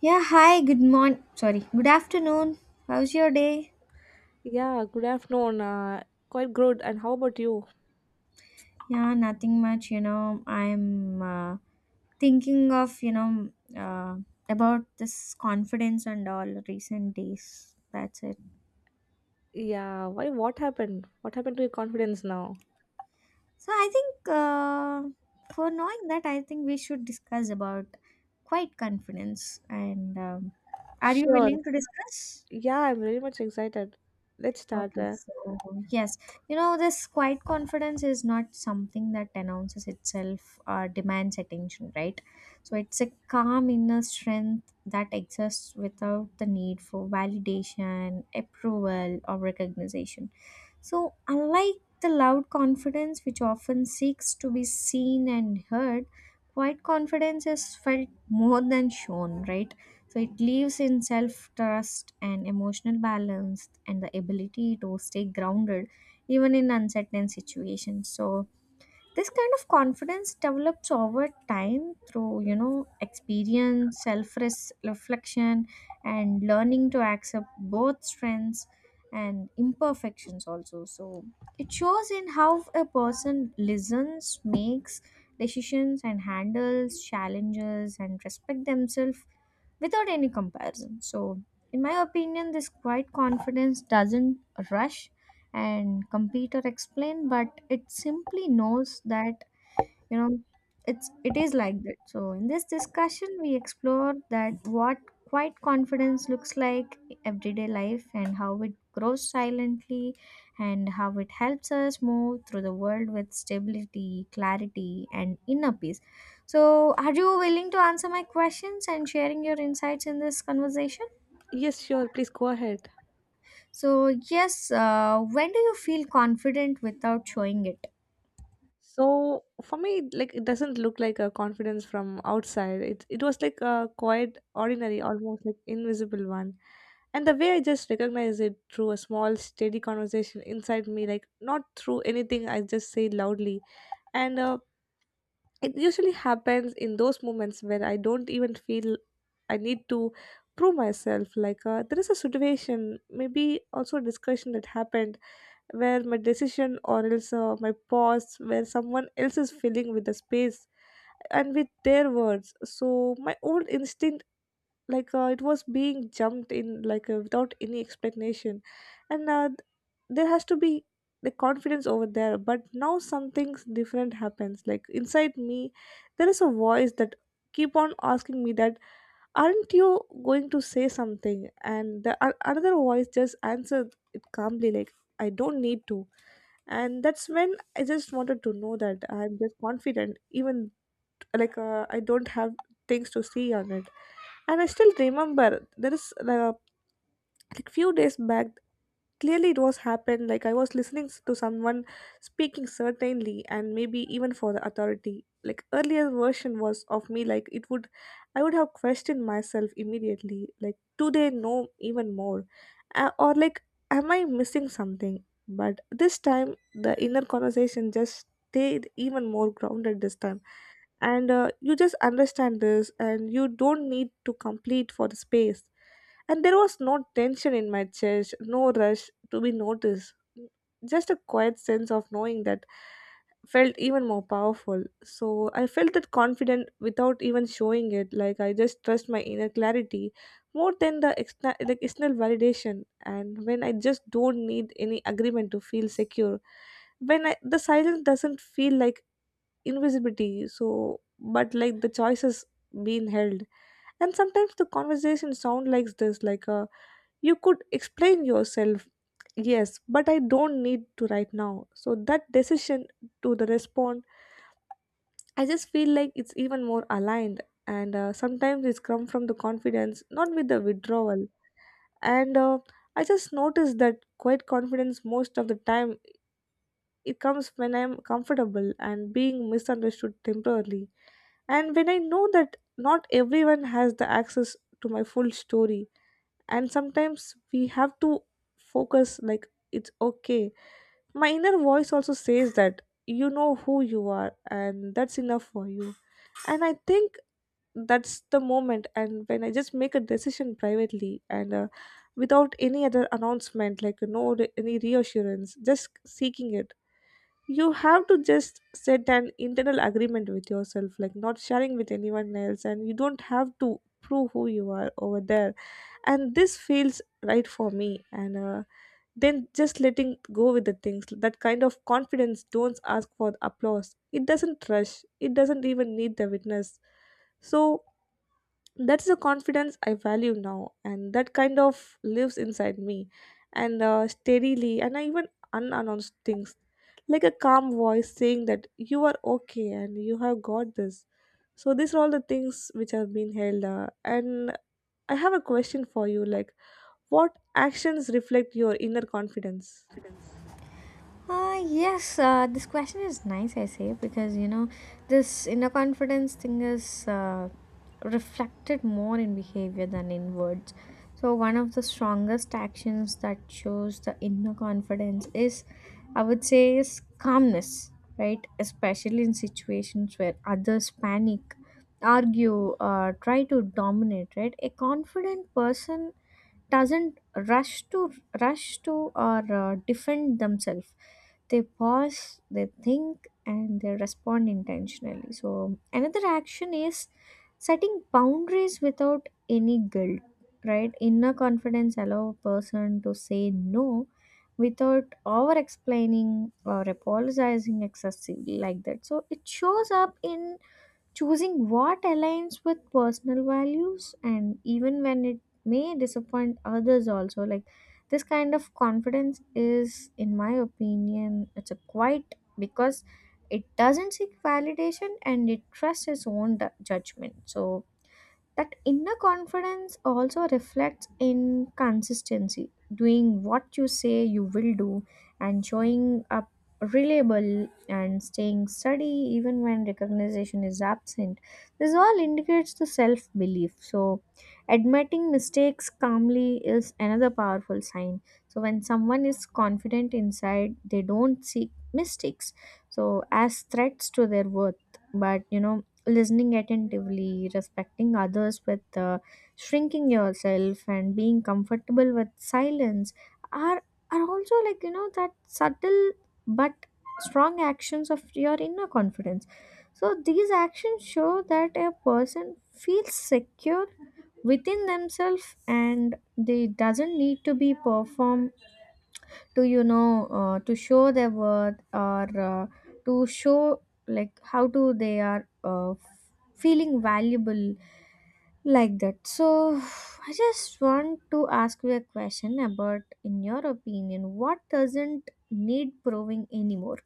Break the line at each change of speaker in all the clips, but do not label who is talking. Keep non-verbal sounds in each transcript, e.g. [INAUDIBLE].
Yeah, hi, good morning. Sorry, good afternoon. How's your day?
Yeah, good afternoon. Quite good. And how about you?
Yeah, nothing much, you know. I'm thinking of, uh, about this confidence and all recent days. That's it.
Yeah, why? What happened? What happened to your confidence now?
So I think for knowing that, I think we should discuss about quite confidence. And are you
Sure.
willing to discuss?
Yeah, I'm very much excited. Let's start.
Okay, so yes, you know, this quiet confidence is not something that announces itself or demands attention, right? So it's a calm inner strength that exists without the need for validation, approval, or recognition. So, unlike the loud confidence, which often seeks to be seen and heard, quiet confidence is felt more than shown, right? So, it lives in self trust and emotional balance and the ability to stay grounded even in uncertain situations. So, this kind of confidence develops over time through you know experience self reflection and learning to accept both strengths and imperfections also, so it shows in how a person listens, makes decisions and handles challenges and respect themselves without any comparison. So, in my opinion, this quiet confidence doesn't rush and compete or explain, but it simply knows that you know it's it is like that. So in this discussion we explore that what quiet confidence looks like in everyday life, and how it grows silently, and how it helps us move through the world with stability, clarity and inner peace. So are you willing to answer my questions and sharing your insights in this conversation?
Yes, sure. Please go ahead.
So yes, when do you feel confident without showing it?
So for me, like it doesn't look like a confidence from outside. It was like a quite ordinary, almost like invisible one. And the way I just recognized it through a small, steady conversation inside me, like not through anything I just say loudly. And It usually happens in those moments where I don't even feel I need to prove myself like there is a situation, maybe also a discussion that happened where my decision, or else my pause, where someone else is filling with the space and with their words. So my old instinct, like it was being jumped in like without any explanation. and uh, th- there has to be the confidence over there, but now something different happens, like inside me there is a voice that keep on asking me that aren't you going to say something, and the a another voice just answered it calmly like I don't need to. And that's when I just wanted to know that I'm just confident, even like I don't have things to see on it. And I still remember there is like few days back, clearly it was happened, like I was listening to someone speaking certainly and maybe even for the authority. Like earlier version was of me, like it would, I would have questioned myself immediately, like do they know even more, or like am I missing something? But this time the inner conversation just stayed even more grounded this time. And You just understand this and you don't need to complete for the space, and there was no tension in my chest, no rush to be noticed, just a quiet sense of knowing that felt even more powerful. So I felt that confident without even showing it, like I just trust my inner clarity more than the external validation. And when I just don't need any agreement to feel secure, when I, the silence doesn't feel like invisibility, so but like the choices being held. And sometimes the conversation sound like this, like you could explain yourself, yes, but I don't need to right now. So that decision to the respond, I just feel like it's even more aligned. And Sometimes it's come from the confidence, not with the withdrawal. And I just noticed that quite confidence most of the time it comes when I'm comfortable and being misunderstood temporarily. And when I know that not everyone has the access to my full story, and sometimes we have to focus like it's okay. My inner voice also says that you know who you are, and that's enough for you. And I think that's the moment, and when I just make a decision privately and without any other announcement, like no any reassurance, just seeking it. You have to just set an internal agreement with yourself, like not sharing with anyone else, and you don't have to prove who you are over there, and this feels right for me. And Then just letting go with the things. That kind of confidence don't ask for applause, it doesn't rush, it doesn't even need the witness. So that's the confidence I value now, and that kind of lives inside me, and steadily, and I even unannounced things, like a calm voice saying that you are okay and you have got this. So these are all the things which have been held, and I have a question for you, like what actions reflect your inner confidence?
Yes, this question is nice, I say, because you know, this inner confidence thing is reflected more in behavior than in words. So, one of the strongest actions that shows the inner confidence is, I would say, is calmness, right? Especially in situations where others panic, argue, try to dominate, right? A confident person doesn't rush to rush to or defend themselves. They pause, they think and they respond intentionally. So another action is setting boundaries without any guilt, right? Inner confidence allow a person to say no without over explaining or apologizing excessively, like that. So it shows up in choosing what aligns with personal values, and even when it may disappoint others also. Like, this kind of confidence is, in my opinion, it's a quite because it doesn't seek validation and it trusts its own judgment. So that inner confidence also reflects in consistency, doing what you say you will do and showing up reliable and staying steady even when recognition is absent. This all indicates the self belief. So, admitting mistakes calmly is another powerful sign. So, when someone is confident inside, they don't seek mistakes so as threats to their worth, but you know, listening attentively, respecting others with shrinking yourself, and being comfortable with silence are are also, like, you know, that subtle but strong actions of your inner confidence. So these actions show that a person feels secure within themselves, and they doesn't need to be perform to, you know, to show their worth, or to show like how do they are feeling valuable, like that. So I just want to ask you a question about, in your opinion, what doesn't need proving anymore?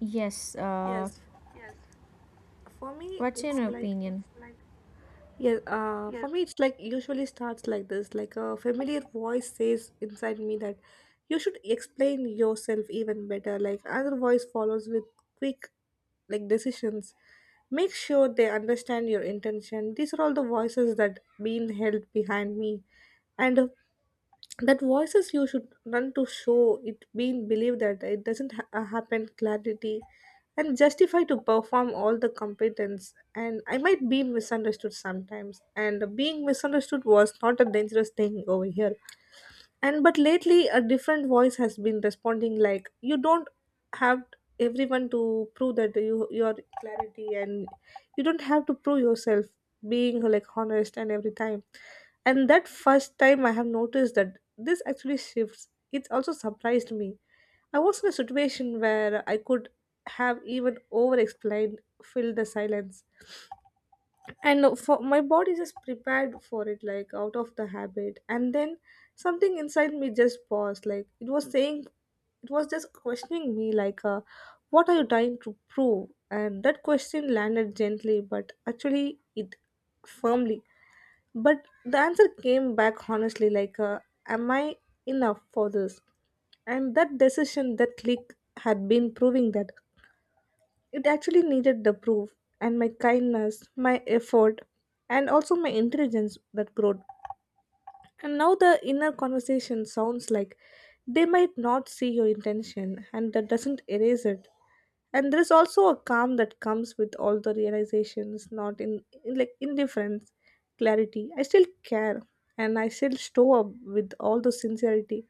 Yes,
Yes, for me,
what's
it's
your
like,
opinion?
yeah, for me, it's like usually starts like this, like a familiar voice says inside me that you should explain yourself even better. Like, another voice follows with quick, like, decisions. Make sure they understand your intention. These are all the voices that been held behind me. And that voices, you should run to show it being believed, that it doesn't happen clarity and justify to perform all the competence, and I might be misunderstood sometimes, and being misunderstood was not a dangerous thing over here. And but lately a different voice has been responding like you don't have everyone to prove that you your clarity, and you don't have to prove yourself being like honest and every time. And that first time I have noticed that this actually shifts, it also surprised me. I was in a situation where I could have even over explained, fill the silence, and for my body just prepared for it, like out of the habit. And then something inside me just paused, like it was saying, it was just questioning me like what are you trying to prove? And that question landed gently but actually it firmly, but the answer came back honestly, like am I enough for this? And that decision, that click, had been proving that it actually needed the proof, and my kindness, my effort, and also my intelligence, that growth. And now the inner conversation sounds like they might not see your intention, and that doesn't erase it. And there is also a calm that comes with all the realizations, not in like indifference, clarity. I still care, and I still show up with all the sincerity,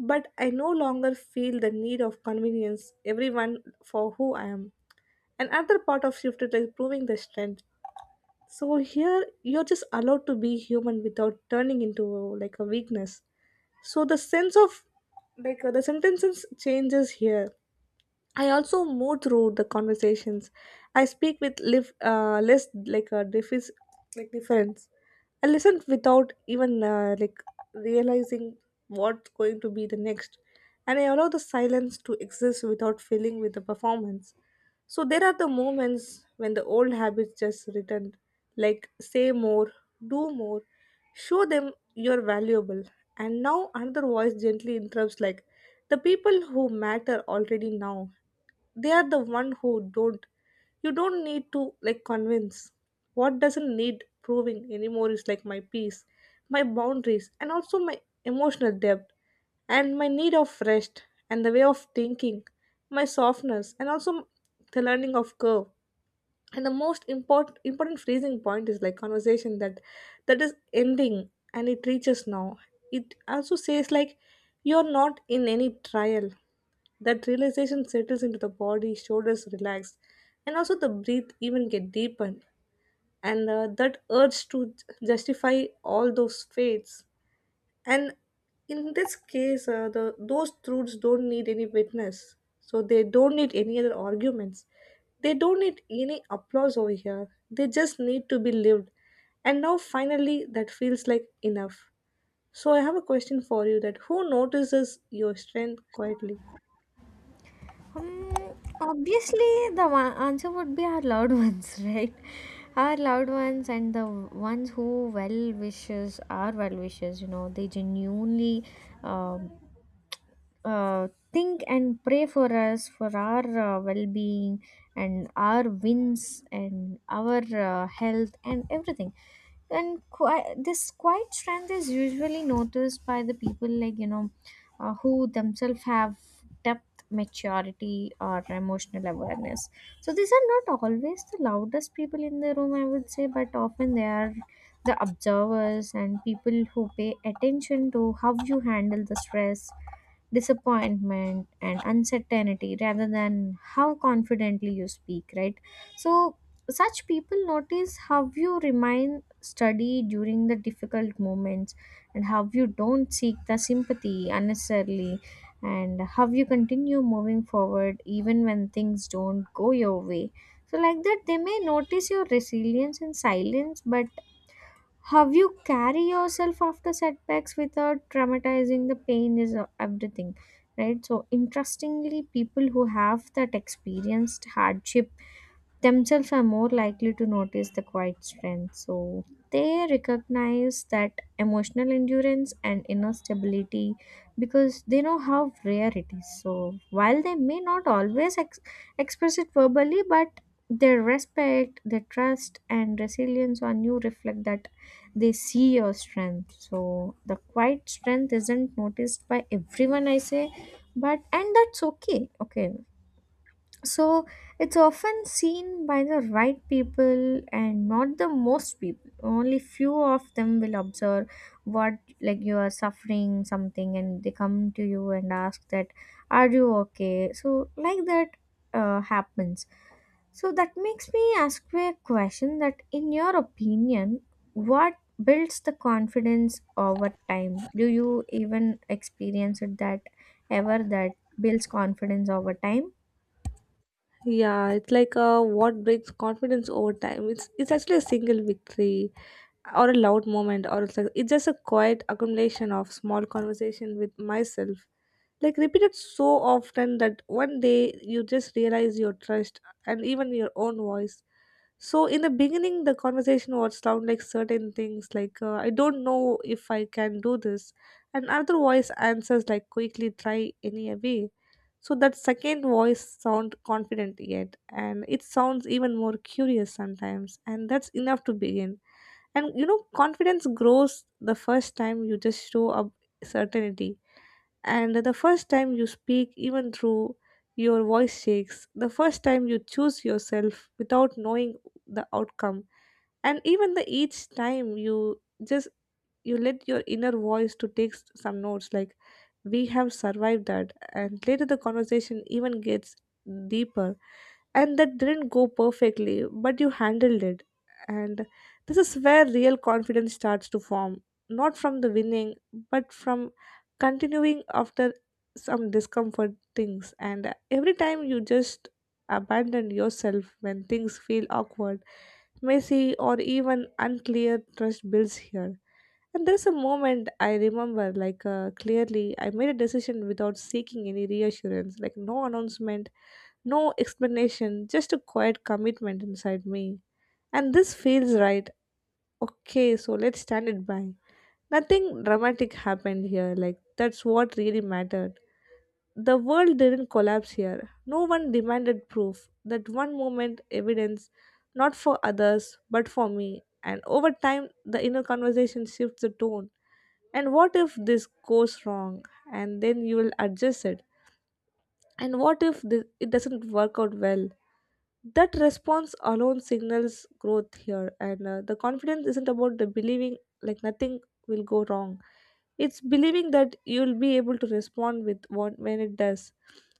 but I no longer feel the need of convenience everyone for who I am. And another part of shifted like proving the strength. So here you're just allowed to be human without turning into like a weakness. So the sense of like the sentences changes here. I also move through the conversations. I speak with less like a like difference. I listen without even like realizing what's going to be the next, and I allow the silence to exist without filling with the performance. So there are the moments when the old habits just return, like say more, do more, show them you're valuable. And now another voice gently interrupts like the people who matter already now. They are the one who don't. You don't need to like convince. What doesn't need proving anymore is like my peace, my boundaries, and also my emotional depth, and my need of rest, and the way of thinking, my softness, and also the learning of curve. And the most important freezing point is like conversation that that is ending and it reaches now. It also says like you're not in any trial. That realization settles into the body, shoulders relax, and also the breath even get deepened. And That urge to justify all those fates. And in this case, the those truths don't need any witness, so they don't need any other arguments. They don't need any applause over here. They just need to be lived. And now finally, that feels like enough. So I have a question for you: that who notices your strength quietly?
Hmm, obviously, the one answer would be our loved ones, [LAUGHS] right? Our loved ones and the ones who well wishes, our well wishes, you know, they genuinely um think and pray for us for our well-being and our wins and our health and everything. And this quiet strength is usually noticed by the people, like, you know, who themselves have depth, maturity or emotional awareness. So these are not always the loudest people in the room, I would say, but often they are the observers and people who pay attention to how you handle the stress, disappointment and uncertainty rather than how confidently you speak, right? So such people notice how you remain steady during the difficult moments, and how you don't seek the sympathy unnecessarily, and how you continue moving forward even when things don't go your way. So like that, they may notice your resilience and silence, but have you carry yourself after setbacks without traumatizing the pain is everything, right? So interestingly, people who have that experienced hardship themselves are more likely to notice the quiet strength. So they recognize that emotional endurance and inner stability because they know how rare it is. So while they may not always express it verbally, but their respect, their trust, and resilience on you reflect that they see your strength. So the quiet strength isn't noticed by everyone, I say, but and that's okay. Okay, so it's often seen by the right people and not the most people. Only few of them will observe what, like, you are suffering something and they come to you and ask that, are you okay? So like that, happens. So that makes me ask you a question that, in your opinion, what builds the confidence over time? Do you even experience it that ever that builds confidence over time?
Yeah, it's like what breaks confidence over time. It's actually a single victory, or a loud moment, or it's like it's just a quiet accumulation of small conversation with myself, like repeated so often that one day you just realize your trust and even your own voice. So in the beginning, the conversation would sound like certain things, like I don't know if I can do this, and other voice answers like quickly try anyway. So that second voice sound confident yet, and it sounds even more curious sometimes, and that's enough to begin. And you know, confidence grows the first time you just show up certainty, and the first time you speak, even through your voice shakes, the first time you choose yourself without knowing the outcome, and even the each time you just you let your inner voice to take some notes like we have survived that. And later the conversation even gets deeper, and that didn't go perfectly, but you handled it. And this is where real confidence starts to form, not from the winning, but from continuing after some discomfort things. And every time you just abandon yourself when things feel awkward, messy, or even unclear, trust builds here. And there's a moment I remember, like clearly, I made a decision without seeking any reassurance, like no announcement, no explanation, just a quiet commitment inside me. And this feels right. Okay, so let's stand it by. Nothing dramatic happened here, like that's what really mattered. The world didn't collapse here. No one demanded proof. That one moment, evidence, not for others, but for me. And over time, the inner conversation shifts the tone. And what if this goes wrong? And then you will adjust it, and what if it doesn't work out well? That response alone signals growth here, and the confidence isn't about the believing like nothing will go wrong. It's believing that you'll be able to respond with what when it does.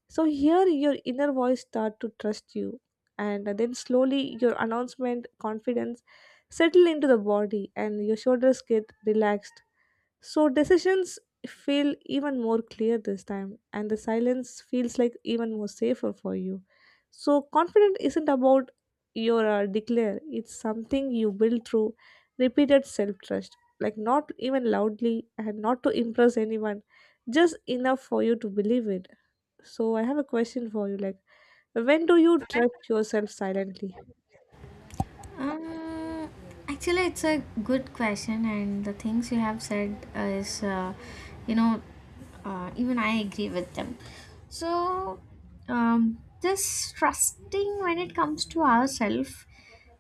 So here your inner voice start to trust you, and then slowly your announcement confidence settle into the body, and your shoulders get relaxed. So decisions feel even more clear this time, and the silence feels like even more safer for you. So confident isn't about your declare, it's something you build through repeated self trust, like not even loudly and not to impress anyone, just enough for you to believe it. So I have a question for you, like when do you trust yourself silently?
Um, actually, it's a good question, and the things you have said is, you know, even I agree with them. So, this trusting when it comes to ourselves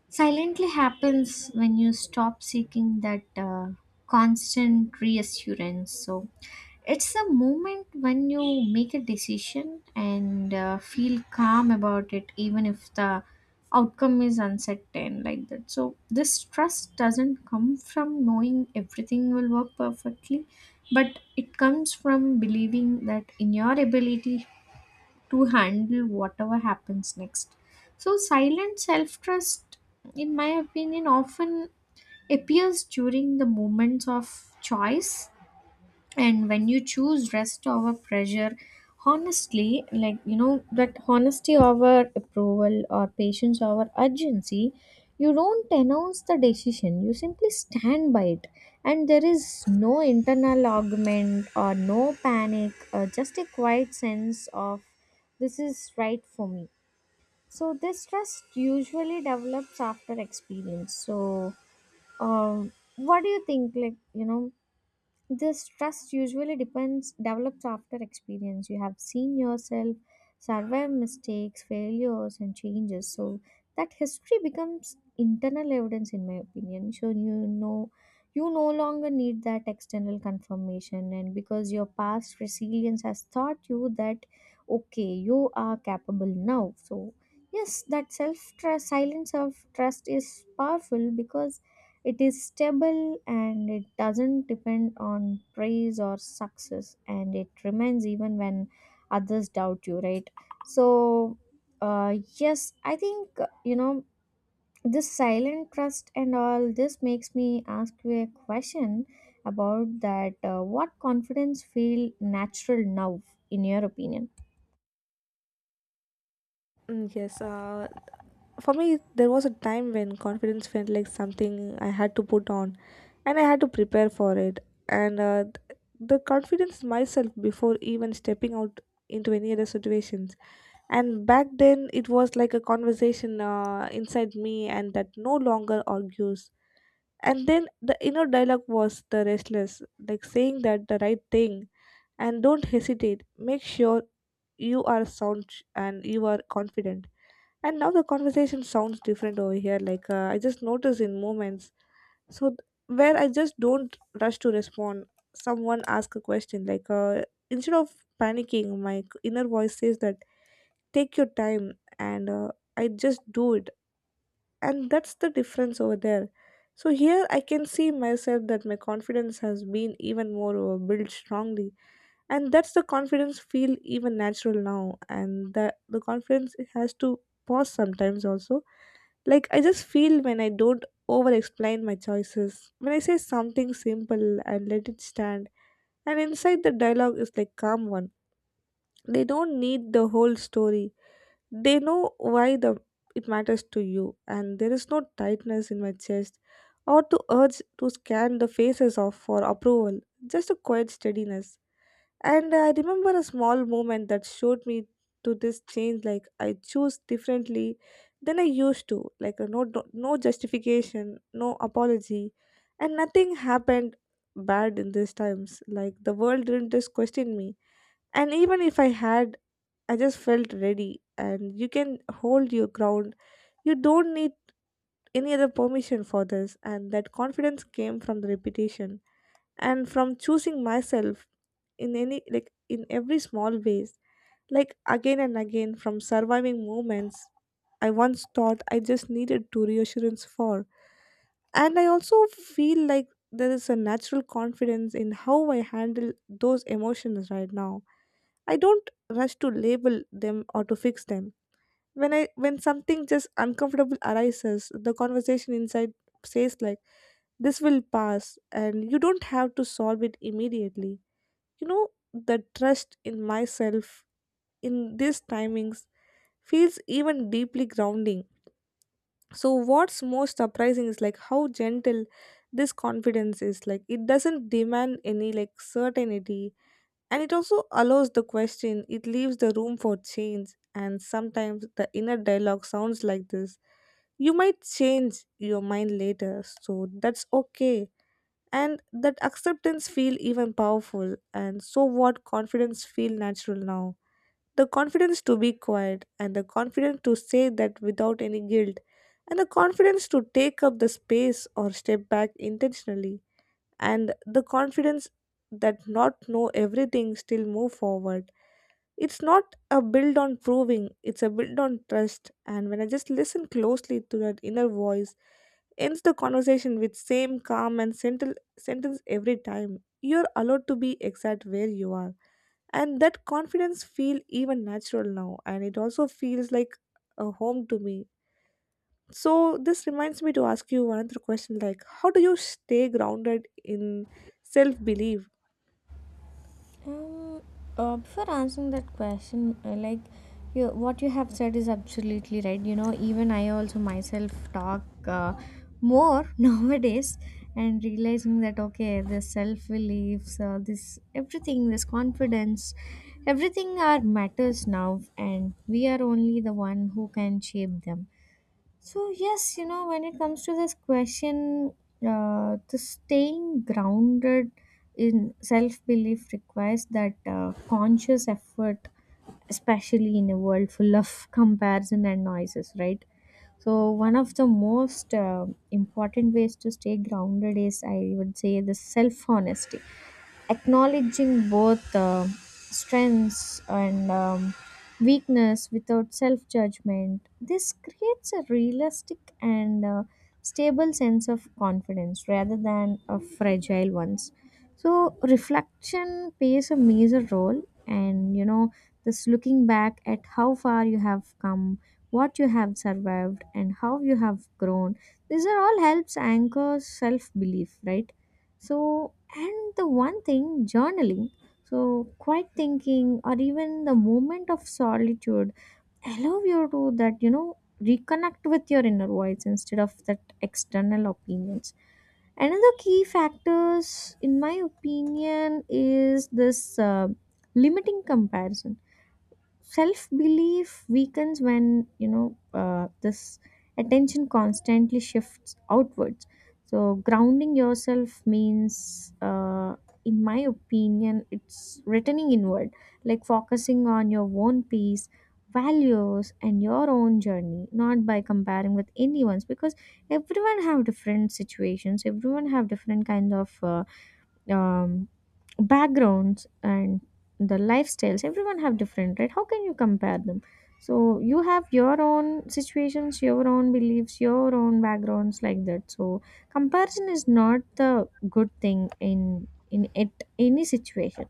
silently happens when you stop seeking that constant reassurance. So, it's a moment when you make a decision and feel calm about it, even if the outcome is uncertain, like that. So, this trust doesn't come from knowing everything will work perfectly, but it comes from believing that in your ability to handle whatever happens next. So, silent self trust, in my opinion, often appears during the moments of choice, and when you choose rest over pressure honestly, like, you know, that honesty over approval or patience over urgency. You don't announce the decision, you simply stand by it, and there is no internal argument or no panic, or just a quiet sense of this is right for me. So this trust usually develops after experience. So what do you think, like, you know, this trust usually depends develops after experience. You have seen yourself survive mistakes, failures, and changes. So that history becomes internal evidence, in my opinion. So you know, you no longer need that external confirmation, and because your past resilience has taught you that okay, you are capable now. So yes, that self trust, silence of trust, is powerful because it is stable and it doesn't depend on praise or success, and it remains even when others doubt you, right? So, yes, I think, you know, this silent trust and all this makes me ask you a question about that. What confidence feel natural now, in your opinion?
Mm, yes, for me there was a time when confidence felt like something I had to put on, and I had to prepare for it, and the confidence myself before even stepping out into any other situations. And back then it was like a conversation inside me, and that no longer argues. And then the inner dialogue was the restless, like saying that the right thing, and don't hesitate, make sure you are sound and you are confident. And now the conversation sounds different over here, like I just notice in moments. Where I just don't rush to respond, someone ask a question, like instead of panicking, my inner voice says that take your time, and I just do it, and that's the difference over there. So here I can see myself that my confidence has been even more built strongly, and that's the confidence feel even natural now. And the confidence has to pause sometimes also. Like, I just feel when I don't over explain my choices, when I say something simple and let it stand, and inside the dialogue is like calm one. They don't need the whole story. They know why the it matters to you, and there is no tightness in my chest or to urge to scan the faces off for approval. Just a quiet steadiness. And I remember a small moment that showed me to this change, like I choose differently than I used to, like no, no justification, no apology, and nothing happened bad in these times. Like the world didn't just question me, and even if I had, I just felt ready. And you can hold your ground. You don't need any other permission for this, and that confidence came from the repetition and from choosing myself in any, like in every small ways, like again and again, from surviving moments I once thought I just needed to reassurance for. And I also feel like there is a natural confidence in how I handle those emotions right now. I don't rush to label them or to fix them. When something just uncomfortable arises, the conversation inside says like this will pass and you don't have to solve it immediately, you know. The trust in myself in these timings feels even deeply grounding. So what's most surprising is like how gentle this confidence is, like it doesn't demand any like certainty, and it also allows the question, it leaves the room for change. And sometimes the inner dialogue sounds like this. You might change your mind later, so that's okay. And that acceptance feel even powerful. And so what confidence feel natural now? The confidence to be quiet, and the confidence to say that without any guilt, and the confidence to take up the space or step back intentionally, and the confidence that not know everything still move forward. It's not a build on proving, it's a build on trust. And when I just listen closely to that inner voice, ends the conversation with same calm and sentence every time, you're allowed to be exact where you are. And that confidence feel even natural now, and it also feels like a home to me. So this reminds me to ask you one other question, like how do you stay grounded in self belief?
Um, before answering that question, like you, what you have said is absolutely right. You know, even I also myself talk more [LAUGHS] nowadays and realizing that okay, the self beliefs, this everything, this confidence, everything are matters now, and we are only the one who can shape them. So yes, you know, when it comes to this question, the staying grounded in self belief requires that conscious effort, especially in a world full of [LAUGHS] comparison and noises, right? So one of the most important ways to stay grounded is, I would say, the self honesty, acknowledging both strengths and weakness without self judgment. This creates a realistic and stable sense of confidence rather than a fragile ones. So, reflection plays a major role, and you know, this looking back at how far you have come, what you have survived, and how you have grown. These are all helps anchor self belief, right? So, and the one thing, journaling, so quiet thinking or even the moment of solitude allow you to that, you know, reconnect with your inner voice instead of that external opinions. Another key factors, in my opinion, is this limiting comparison. Self belief weakens when, you know, this attention constantly shifts outwards. So grounding yourself means, in my opinion, it's returning inward, like focusing on your own peace, values and your own journey, not by comparing with anyone's, because everyone have different situations, everyone have different kind of um, backgrounds and the lifestyles, everyone have different, right? How can you compare them? So you have your own situations, your own beliefs, your own backgrounds, like that. So comparison is not the good thing in it any situation.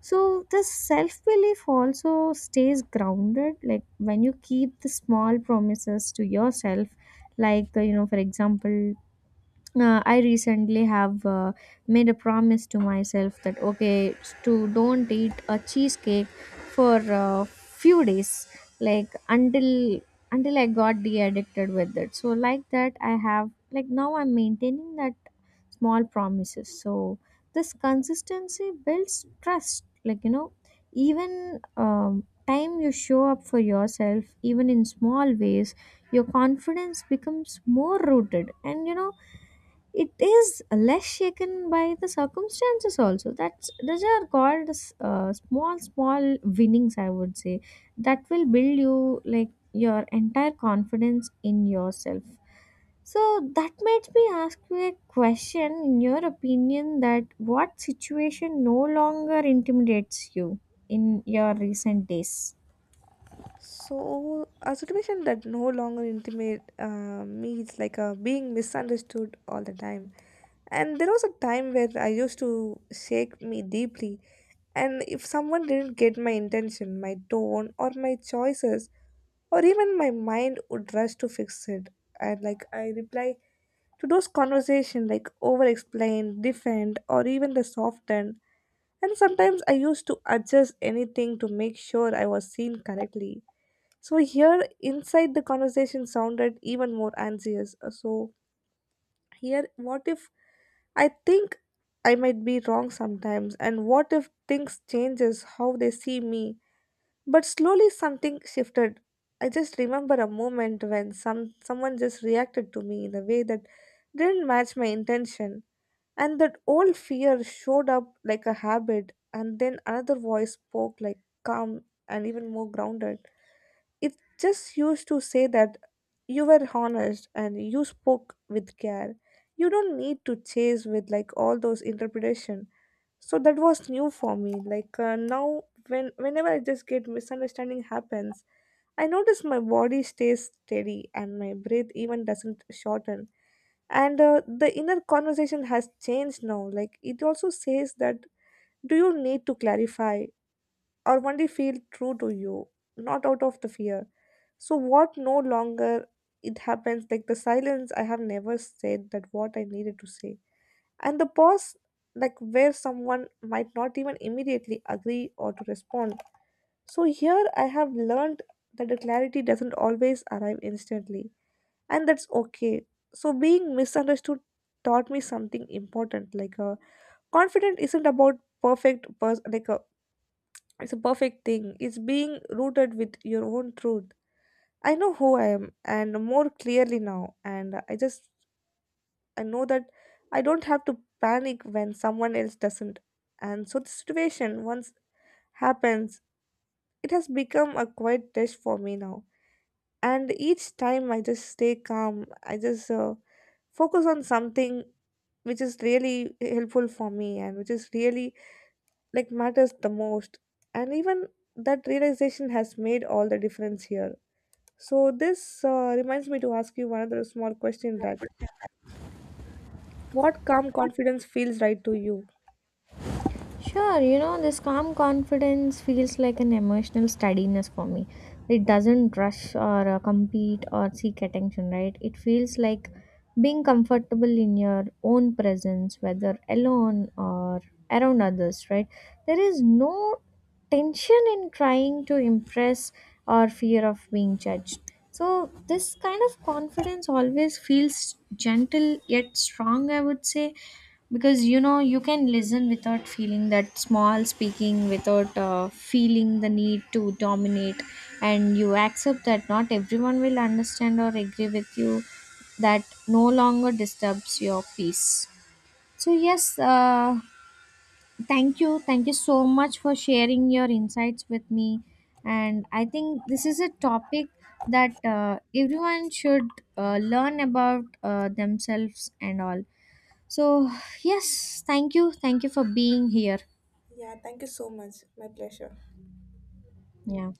So the self belief also stays grounded like when you keep the small promises to yourself, like the, you know, for example, I recently have made a promise to myself that okay, to don't eat a cheesecake for a few days, like until I got de addicted with it. So like that I have, like now I'm maintaining that small promises. So this consistency builds trust, like, you know, even time you show up for yourself even in small ways, your confidence becomes more rooted, and you know, it is less shaken by the circumstances also. That's, those are called small small winnings, I would say, that will build you, like, your entire confidence in yourself. So that makes me ask you a question, in your opinion, that what situation no longer intimidates you in your recent days?
So a situation that no longer intimate me is like being misunderstood all the time. And there was a time where I used to shake me deeply. And if someone didn't get my intention, my tone, or my choices, or even my mind would rush to fix it. And like I reply to those conversations like over explain, defend, or even the soften. And sometimes I used to adjust anything to make sure I was seen correctly. So here inside the conversation sounded even more anxious. So here, what if I think I might be wrong sometimes, and what if things changes how they see me? But slowly something shifted. I just remember a moment when someone just reacted to me in a way that didn't match my intention, and that old fear showed up like a habit, and then another voice spoke like calm and even more grounded. It just used to say that you were honest and you spoke with care. You don't need to chase with like all those interpretation. So that was new for me. Like now, whenever I just get misunderstanding happens, I notice my body stays steady and my breath even doesn't shorten, and the inner conversation has changed now, like it also says that do you need to clarify or only feel true to you, not out of the fear. So what no longer it happens, like the silence I have never said that what I needed to say, and the pause, like where someone might not even immediately agree or to respond. So here I have learned that the clarity doesn't always arrive instantly, and that's okay. So being misunderstood taught me something important. Like, confident isn't about like it's a perfect thing. It's being rooted with your own truth. I know who I am and more clearly now, and I just I know that I don't have to panic when someone else doesn't. And so the situation once happens, it has become a quiet test for me now. And each time I just stay calm. I just focus on something which is really helpful for me and which is really like matters the most. And even that realization has made all the difference here. So this reminds me to ask you another small question, that what calm confidence feels right to you?
Sure, you know, this calm confidence feels like an emotional steadiness for me. It doesn't rush or compete or seek attention, right? It feels like being comfortable in your own presence, whether alone or around others, right? There is no tension in trying to impress or fear of being judged. So, this kind of confidence always feels gentle yet strong, I would say, because you know, you can listen without feeling that small, speaking without feeling the need to dominate, and you accept that not everyone will understand or agree with you, that no longer disturbs your peace. So yes, thank you, thank you so much for sharing your insights with me, and I think this is a topic that everyone should learn about themselves and all. So, yes, thank you. Thank you for being here.
Yeah, thank you so much. My pleasure.
Yeah.